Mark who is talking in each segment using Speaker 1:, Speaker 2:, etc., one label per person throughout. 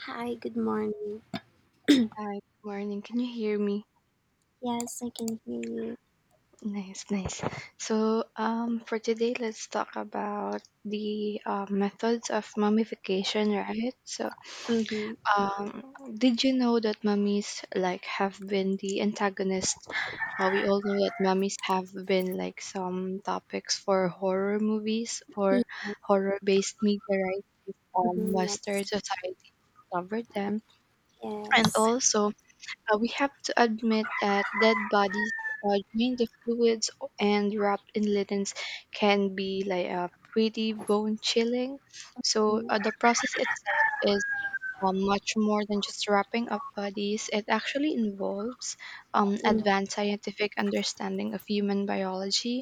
Speaker 1: Hi, good morning.
Speaker 2: Hi, good morning. Can you hear me?
Speaker 1: Yes, I can hear you.
Speaker 2: Nice, nice. For today, let's talk about the methods of mummification, right?
Speaker 1: Mm-hmm.
Speaker 2: Did you know that mummies like have been the antagonist? We all know that mummies have been like some topics for horror movies
Speaker 1: Yeah.
Speaker 2: or horror-based media, right?
Speaker 1: Mm-hmm.
Speaker 2: Western
Speaker 1: Yes.
Speaker 2: society covered them, and
Speaker 1: Yes.
Speaker 2: also we have to admit that dead bodies drained of fluids and wrapped in linens can be like pretty bone chilling. So the
Speaker 1: Mm-hmm.
Speaker 2: process itself is much more than just wrapping up bodies. It actually involves advanced scientific understanding of human biology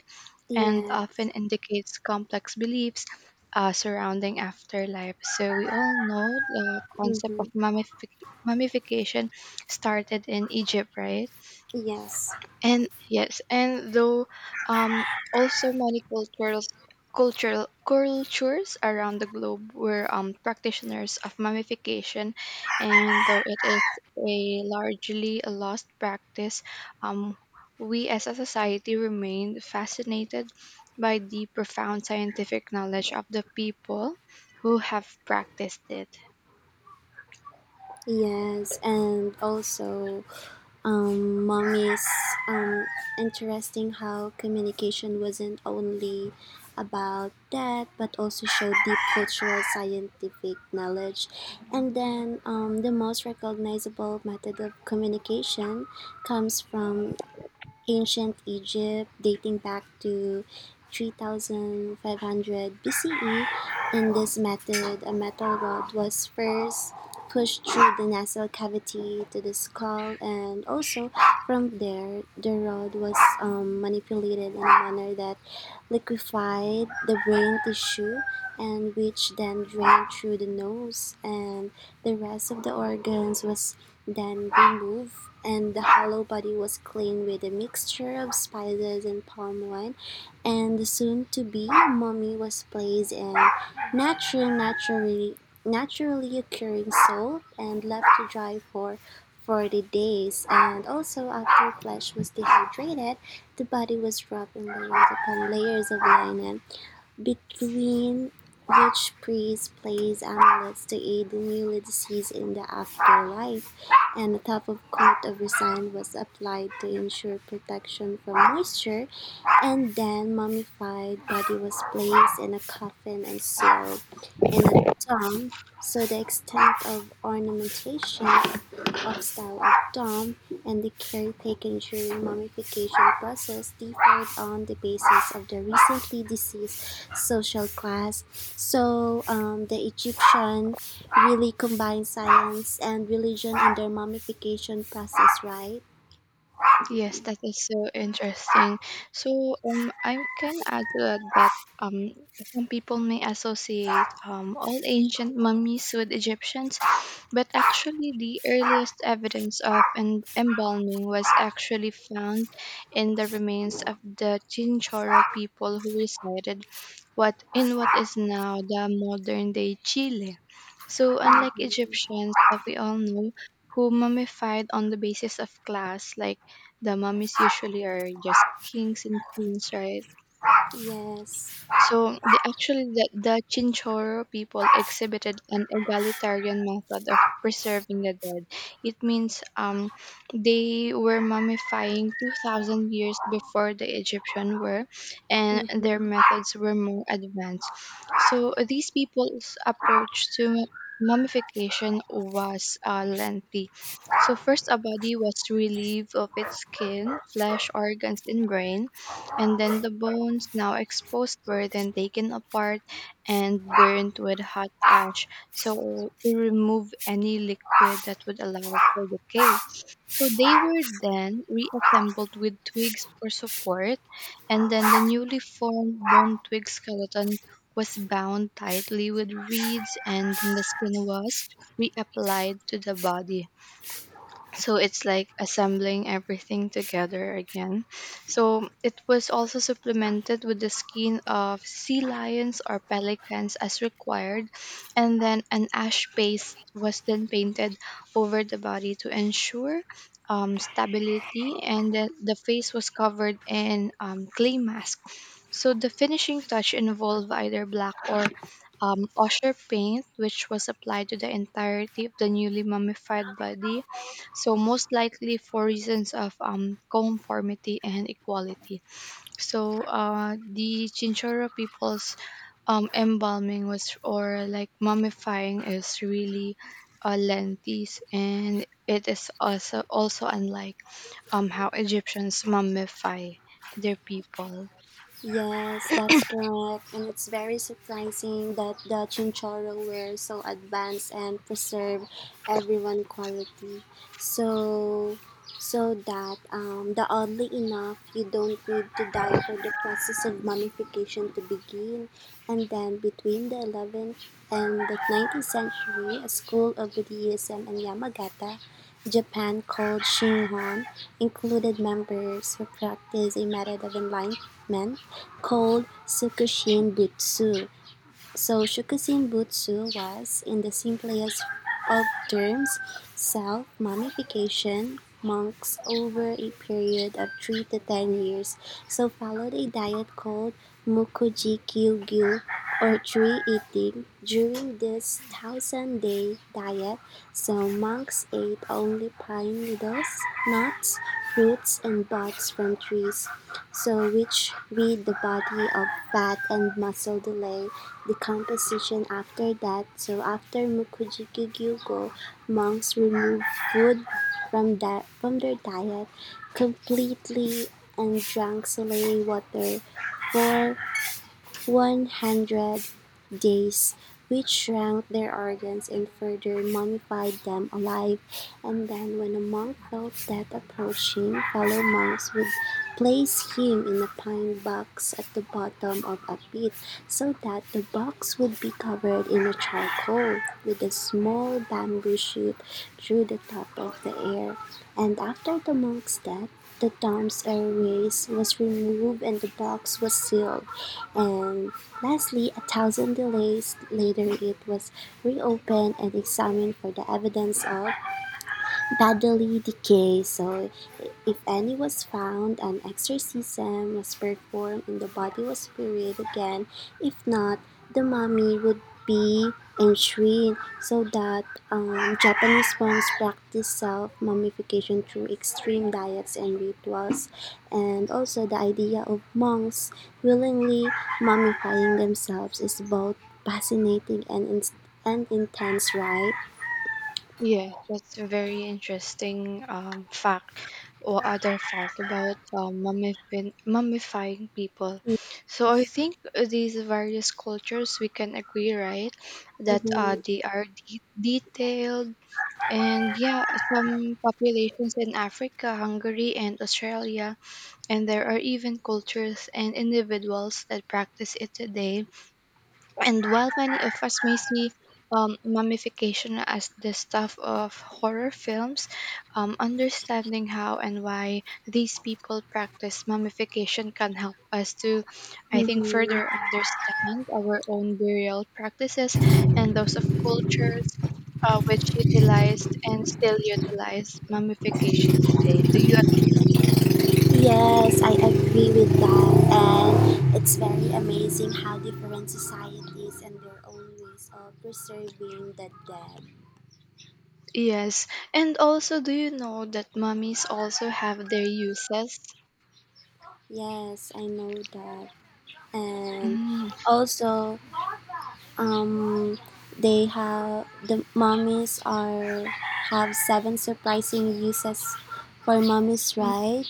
Speaker 2: and
Speaker 1: Yeah.
Speaker 2: often indicates complex beliefs surrounding afterlife. So we all know the concept of
Speaker 1: Mm-hmm.
Speaker 2: mummification started in Egypt, right?
Speaker 1: Yes.
Speaker 2: And yes. And though um also many cultural cultural cultures around the globe were practitioners of mummification, and though it is a largely a lost practice, um, we as a society remain fascinated by the profound scientific knowledge of the people who have practiced it.
Speaker 1: Yes. And also, mommy's um, interesting how communication wasn't only about that but also showed deep cultural scientific knowledge. And then the most recognizable method of communication comes from ancient Egypt dating back to 3500 BCE. In this method, a metal rod was first pushed through the nasal cavity to the skull, and also from there, the rod was manipulated in a manner that liquefied the brain tissue, and which then drained through the nose, and the rest of the organs was then removed. And the hollow body was cleaned with a mixture of spices and palm wine, and the soon to be mummy was placed in natural naturally naturally occurring salt and left to dry for 40 days. And also after flesh was dehydrated, the body was wrapped in layers upon layers of linen, between which priests placed amulets to aid the newly deceased in the afterlife, and a top of coat of resin was applied to ensure protection from moisture. And then mummified body was placed in a coffin and sealed in a tomb, so the extent of ornamentation of style of Style.com and the caretaker ensuring mummification process differed on the basis of the recently deceased social class. So the Egyptian really combined science and religion in their mummification process, right?
Speaker 2: Yes, that is so interesting. I can add to that that um, some people may associate all ancient mummies with Egyptians, but actually, the earliest evidence of embalming was actually found in the remains of the Chinchorro people who resided what in what is now the modern day Chile. So unlike
Speaker 1: Hmm.
Speaker 2: Egyptians that we all know who mummified on the basis of class, like the mummies usually are just kings and queens, right?
Speaker 1: Yes.
Speaker 2: So the actually the Chinchorro people exhibited an egalitarian method of preserving the dead. It means they were mummifying 2,000 years before the Egyptian were, and their
Speaker 1: Hmm.
Speaker 2: methods were more advanced. So these people's approach to mummification was lengthy. So first, a body was relieved of its skin, flesh, organs, and brain, and then the bones, now exposed, were then taken apart and burnt with hot ash so to remove any liquid that would allow for decay. So they were then reassembled with twigs for support, and then the newly formed bone twig skeleton was bound tightly with reeds, and the skin was reapplied to the body, so it's like assembling everything together again. So it was also supplemented with the skin of sea lions or pelicans as required, and then an ash paste was then painted over the body to ensure stability, and then the face was covered in clay mask. So the finishing touch involved either black or osher paint, which was applied to the entirety of the newly mummified body, so most likely for reasons of conformity and equality. So the Chinchorro people's embalming was, or like mummifying, is really lengthy, and it is also unlike how Egyptians mummify their people.
Speaker 1: Yes, that's correct. And it's very surprising that the Chinchorro were so advanced and preserve everyone quality. So that the oddly enough, you don't need to die for the process of mummification to begin. And then between the 11th and the 19th century, a school of Buddhism in Yamagata, Japan, called "Shingon," included members who practiced a method of enlightenment called "Tsukushin Butsu." So Shukusin Butsu was, in the simplest of terms, self-mummification monks over a period of 3 to 10 years. So followed a diet called Mukujikyu-gyu, or tree eating. During this 1,000-day diet, so monks ate only pine needles, nuts, roots, and buds from trees, so which read the body of fat and muscle, delay decomposition. After that, so after Mukujikugyo, monks remove food from their diet completely and drank saline water for 100 days, which shrank their organs and further mummified them alive. And then, when a monk felt death approaching, fellow monks would place him in a pine box at the bottom of a pit so that the box would be covered in a charcoal with a small bamboo shoot through the top of the air. And after the monk's death, the tomb's airways was removed and the box was sealed, and lastly, a 1,000 delays later it was reopened and examined for the evidence of badly decay. So, if any was found, an exorcism was performed and the body was buried again. If not, the mummy would be enshrined, so that Japanese monks practice self mummification through extreme diets and rituals. And also the idea of monks willingly mummifying themselves is both fascinating and, and intense, right?
Speaker 2: Yeah, that's a very interesting fact or other fact about mummifying people. So I
Speaker 1: Yes.
Speaker 2: think these various cultures, we can agree, right, that
Speaker 1: Mhm.
Speaker 2: they are detailed. And yeah, some populations in Africa, Hungary, and Australia, and there are even cultures and individuals that practice it today. And while many of us may see mummification as the stuff of horror films, understanding how and why these people practice mummification can help us to, I think,
Speaker 1: Mm-hmm.
Speaker 2: further understand our own burial practices and those of cultures which utilized and still utilize mummification today. Do you agree?
Speaker 1: Yes, I agree with that. And it's very amazing how different societies and their own ways of preserving the dead.
Speaker 2: Yes. And also, do you know that mummies also have their uses?
Speaker 1: Yes, I know that. And
Speaker 2: Mm.
Speaker 1: also, um, the mummies are have seven surprising uses for mummies, right?
Speaker 2: Mm.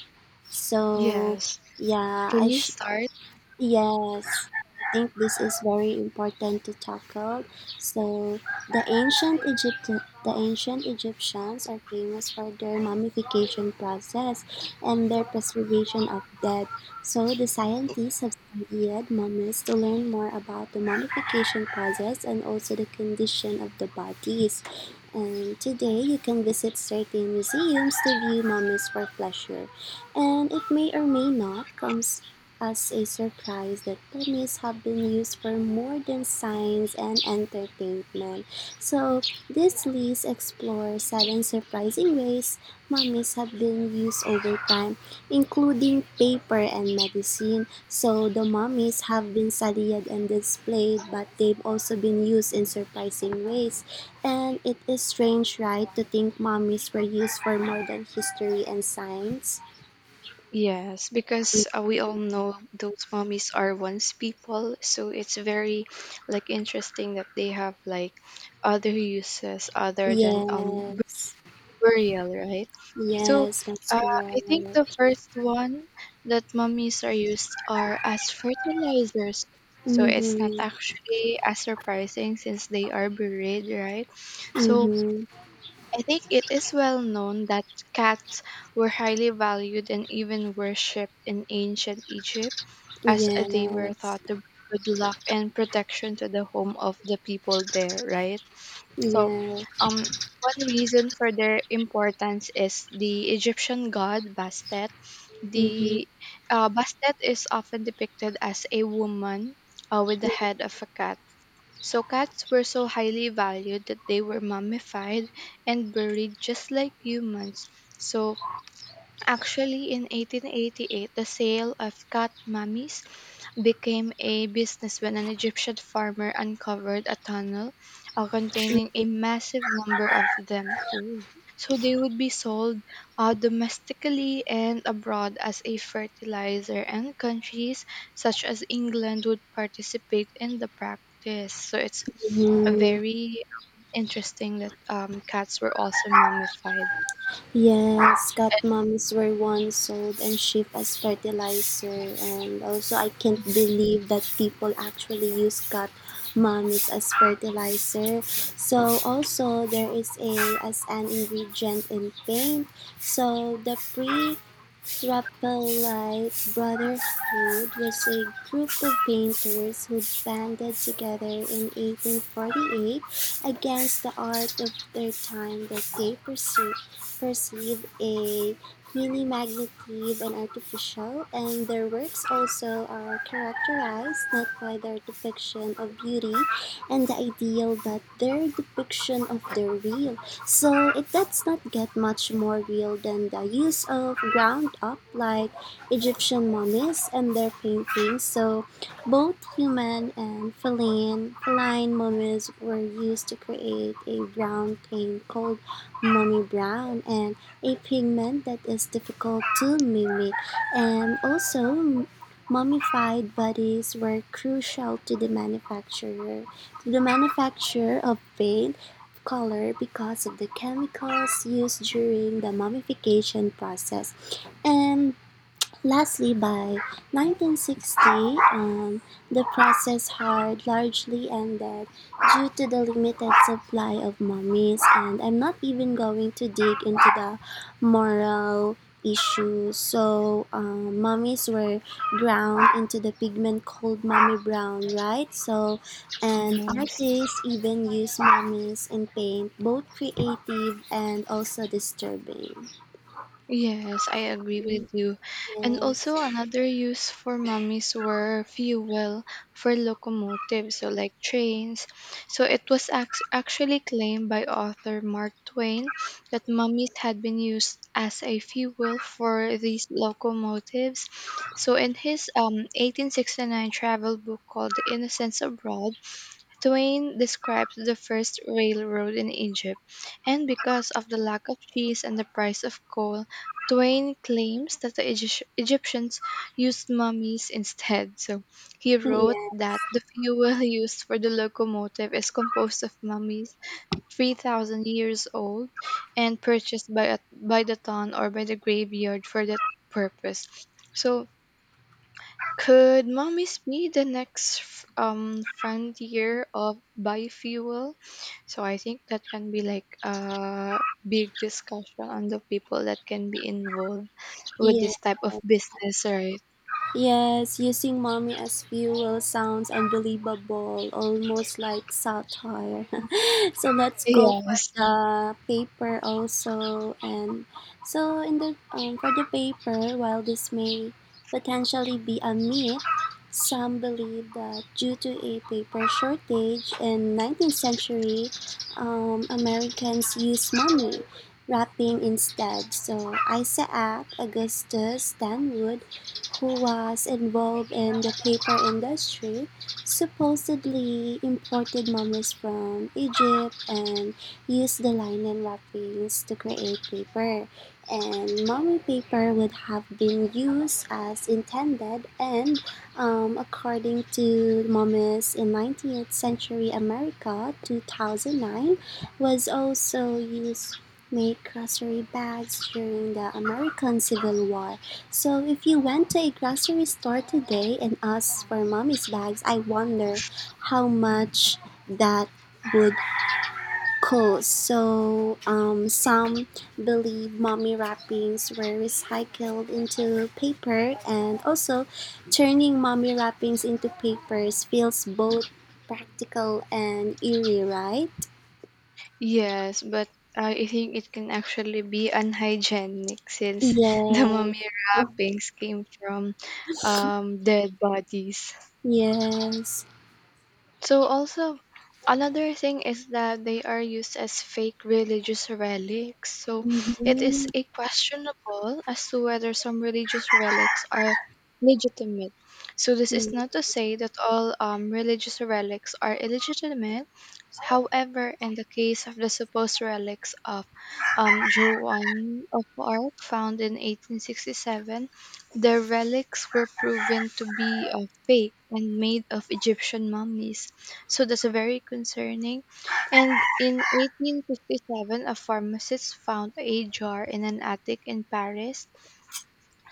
Speaker 1: So
Speaker 2: Yes.
Speaker 1: yeah,
Speaker 2: Can you start?
Speaker 1: yes, I think this is very important to tackle. So, the ancient Egyptians are famous for their mummification process and their preservation of dead. So, the scientists have studied mummies to learn more about the mummification process and also the condition of the bodies. And today, you can visit certain museums to view mummies for pleasure, and it may or may not come as a surprise that pennies have been used for more than science and entertainment. So, this list explores seven surprising ways mummies have been used over time, including paper and medicine. So, the mummies have been studied and displayed, but they've also been used in surprising ways. And it is strange, right, to think mummies were used for more than history and science?
Speaker 2: Yes, because we all know those mummies are once people, so it's very like interesting that they have like other uses other than
Speaker 1: Yes.
Speaker 2: burial, right? So,
Speaker 1: Yes, that's
Speaker 2: uh, I
Speaker 1: correct.
Speaker 2: think the first one that mummies are used are as fertilizers. So it's not
Speaker 1: Mhm.
Speaker 2: actually as surprising since they are buried, right? So
Speaker 1: Mhm.
Speaker 2: I think it is well known that cats were highly valued and even worshipped in ancient Egypt, as they were
Speaker 1: Yes.
Speaker 2: thought to bring good luck and protection to the home of the people there, right? So,
Speaker 1: Yes.
Speaker 2: um, one reason for their importance is the Egyptian god Bastet.
Speaker 1: Mhm.
Speaker 2: The Bastet is often depicted as a woman with the head of a cat, so cats were so highly valued that they were mummified and buried just like humans. So Actually, in 1888, the sale of cat mummies became a business when an Egyptian farmer uncovered a tunnel containing a massive number of them. Ooh. So they would be sold domestically and abroad as a fertilizer, and countries such as England would participate in the practice. So it's
Speaker 1: Mhm.
Speaker 2: very interesting that cats were also mummified.
Speaker 1: Yes, cat mummies were once sold and shipped as fertilizer, and also I can't believe that people actually use cat mummies as fertilizer. So also there is a as an ingredient in paint. So the Pre Rapalite Brotherhood was a group of painters who banded together in 1848 against the art of their time that they perceived a mini-magnetive and artificial, and their works also are characterized not by their depiction of beauty and the ideal that their depiction of the real. So it does not get much more real than the use of ground up like Egyptian mummies and their paintings. So both human and feline mummies were used to create a brown paint called mummy brown, and a pigment that is difficult to mimic. And also mummified bodies were crucial to the manufacture of paint color because of the chemicals used during the mummification process. And lastly, by 1960, um, the process had largely ended due to the limited supply of mummies, and I'm not even going to dig into the moral issues. So, mummies were ground into the pigment called mummy brown, right? So, and
Speaker 2: Yes.
Speaker 1: artists even use mummies in paint, both creative and also disturbing.
Speaker 2: Yes, I agree with you. And also,
Speaker 1: Yes.
Speaker 2: another use for mummies were fuel for locomotives, so like trains. So it was actually claimed by author Mark Twain that mummies had been used as a fuel for these locomotives. So in his 1869 travel book called The Innocents Abroad, Twain describes the first railroad in Egypt, and because of the lack of cheese and the price of coal, Twain claims that the Egyptians used mummies instead. So he wrote
Speaker 1: Yeah.
Speaker 2: that the fuel used for the locomotive is composed of mummies 3,000 years old and purchased by, a, by the ton or by the graveyard for that purpose. So could mummies be the next frontier of biofuel? So I think that can be like a big discussion on the people that can be involved with
Speaker 1: Yeah.
Speaker 2: this type of business, right?
Speaker 1: Yes, using mommy as fuel sounds unbelievable, almost like satire. So let's go for
Speaker 2: Yes.
Speaker 1: the paper also. And so in the for the paper, while this may potentially be a myth, some believe that due to a paper shortage in 19th century, Americans used money wrapping instead. So Isaac Augustus Stanwood, who was involved in the paper industry, supposedly imported mummies from Egypt and used the linen wrappings to create paper. And mummy paper would have been used as intended, and, according to Mummies in 19th Century America 2009, was also used to make grocery bags during the American Civil War. So if you went to a grocery store today and asked for mommy's bags, I wonder how much that would cost. So some believe mommy wrappings were recycled into paper, and also turning mommy wrappings into papers feels both practical and eerie, right?
Speaker 2: Yes, but I think it can actually be unhygienic since the
Speaker 1: Yeah.
Speaker 2: mummy wrappings came from dead bodies.
Speaker 1: Yes.
Speaker 2: So also, another thing is that they are used as fake religious relics. So it
Speaker 1: Mm-hmm.
Speaker 2: is a questionable as to whether some religious relics are legitimate. So this is not
Speaker 1: Mm-hmm.
Speaker 2: to say that all religious relics are illegitimate. However, in the case of the supposed relics of Joan of Arc found in 1867, the relics were proven to be fake and made of Egyptian mummies. So that's very concerning. And in 1857, a pharmacist found a jar in an attic in Paris,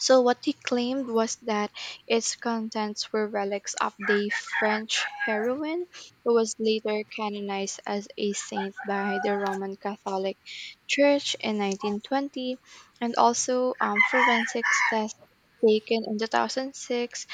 Speaker 2: so what he claimed was that its contents were relics of the French heroine who was later canonized as a saint by the Roman Catholic Church in 1920. And also, forensics tests taken in 2006,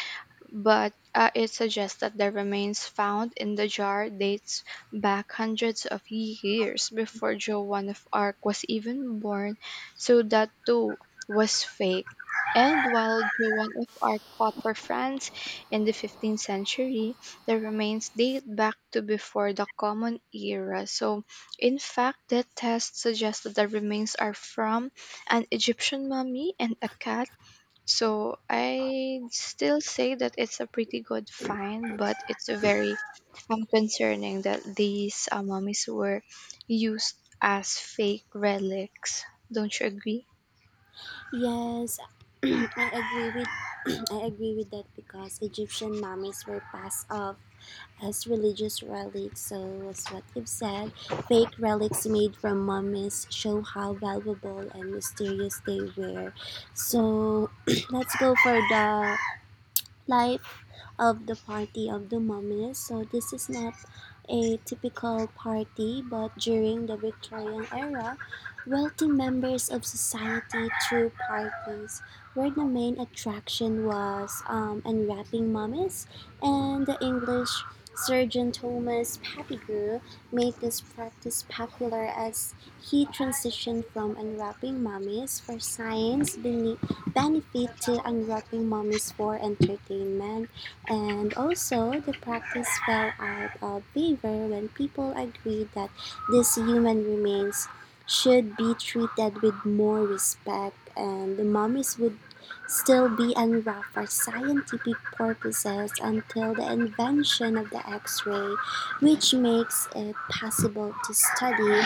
Speaker 2: but it suggests that the remains found in the jar dates back hundreds of years before Joan of Arc was even born, so that too was fake. And while Joan of Arc fought for France in the 15th century, the remains date back to before the Common Era. So, in fact, the test suggests that the remains are from an Egyptian mummy and a cat, so I still say that it's a pretty good find, but it's a very concerning that these mummies were used as fake relics. Don't you agree?
Speaker 1: Yes, I agree with I agree with that because Egyptian mummies were passed off as religious relics. So, as what you've said, fake relics made from mummies show how valuable and mysterious they were. So, let's go for the life of the party of the mummies. So this is not a typical party, but during the Victorian era, wealthy members of society threw parties where the main attraction was unwrapping mummies, and the English surgeon Thomas Pettigrew made this practice popular as he transitioned from unwrapping mummies for science belief benefit to unwrapping mummies for entertainment. And also the practice fell out of favor when people agreed that these human remains should be treated with more respect, and the mummies would still be unwrapped for scientific purposes until the invention of the x-ray, which makes it possible to study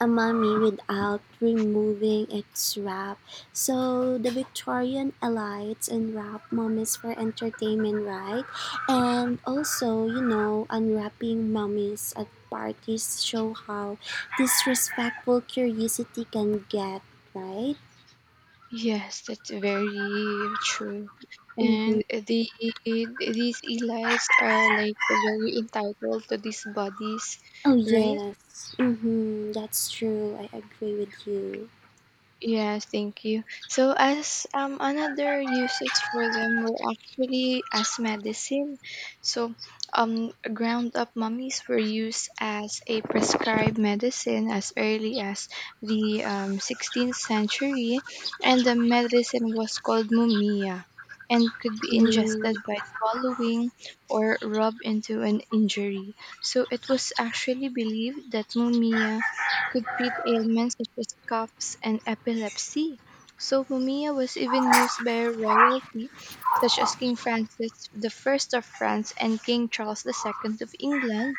Speaker 1: umami without removing its wrap. So the Victorian elites unwrap mummies for entertainment, right? And also, unwrapping mummies at parties show how disrespectful curiosity can get, right?
Speaker 2: Yes, that's very true.
Speaker 1: Mm-hmm.
Speaker 2: And the these elites are like very entitled to these bodies,
Speaker 1: Oh
Speaker 2: right?
Speaker 1: yes. Mm-hmm. That's true. I agree with you.
Speaker 2: Yes, thank you. So as another usage for them were actually as medicine. So ground up mummies were used as a prescribed medicine as early as the 16th century, and the medicine was called mumia and could be
Speaker 1: Mm-hmm.
Speaker 2: ingested by swallowing or rubbed into an injury. So it was actually believed that mumia could treat ailments such as coughs and epilepsy. So Mumia was even used by royalty such as King Francis I of France and King Charles II of England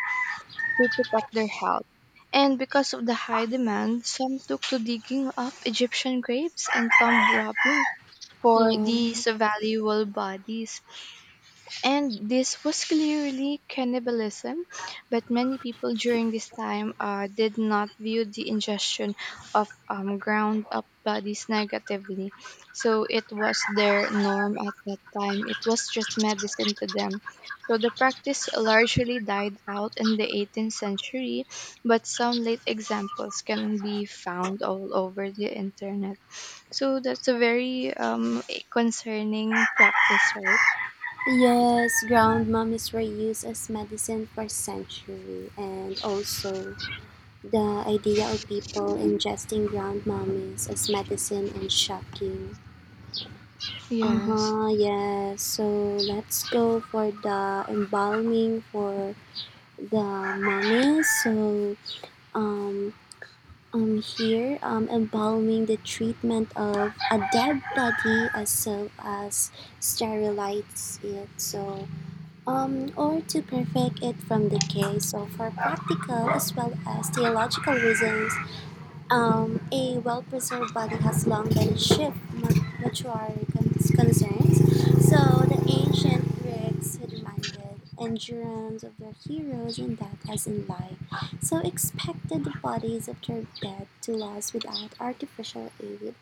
Speaker 2: to protect their health. And because of the high demand, some took to digging up Egyptian graves and tomb robbing for
Speaker 1: Yeah.
Speaker 2: these valuable bodies, and this was clearly cannibalism, but many people during this time did not view the ingestion of ground up bodies negatively. So it was their norm at that time, it was just medicine to them. So the practice largely died out in the 18th century, but some late examples can be found all over the internet. So that's a very concerning practice, right?
Speaker 1: Yes, ground mum is reused as medicine for century, and also the idea of people ingesting ground mummies as medicine and shocking.
Speaker 2: Yes.
Speaker 1: Uh-huh, yes. So let's go for the embalming for the mummies. So um here embalming, the treatment of a dead body as well as sterilize it. So or to perfect it from the case, so for practical as well as theological reasons, a well preserved body has long been a chief mortuary concerns. So the ancient Greeks, who demanded endurance of their heroes in death as in life, so expected the bodies of their dead to last without artificial aid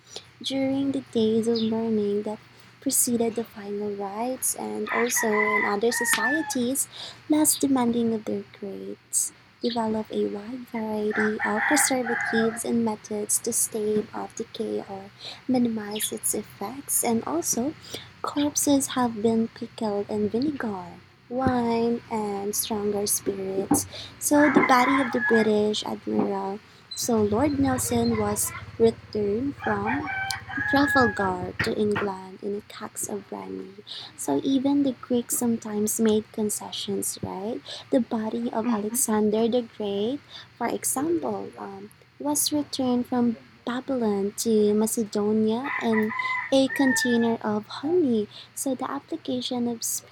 Speaker 1: during the days of mourning that preceded the final rites. And also in other societies less demanding of their grades develop a wide variety of preservatives and methods to stave off decay or minimize its effects. And also corpses have been pickled in vinegar, wine, and stronger spirits. So the body of the British admiral, so Lord Nelson, was returned from Trafalgar to England in a cask of brandy. So even the Greeks sometimes made concessions, right? The body of
Speaker 2: Mhm.
Speaker 1: Alexander the Great, for example, was returned from Babylon to Macedonia in a container of honey. So the application of speed.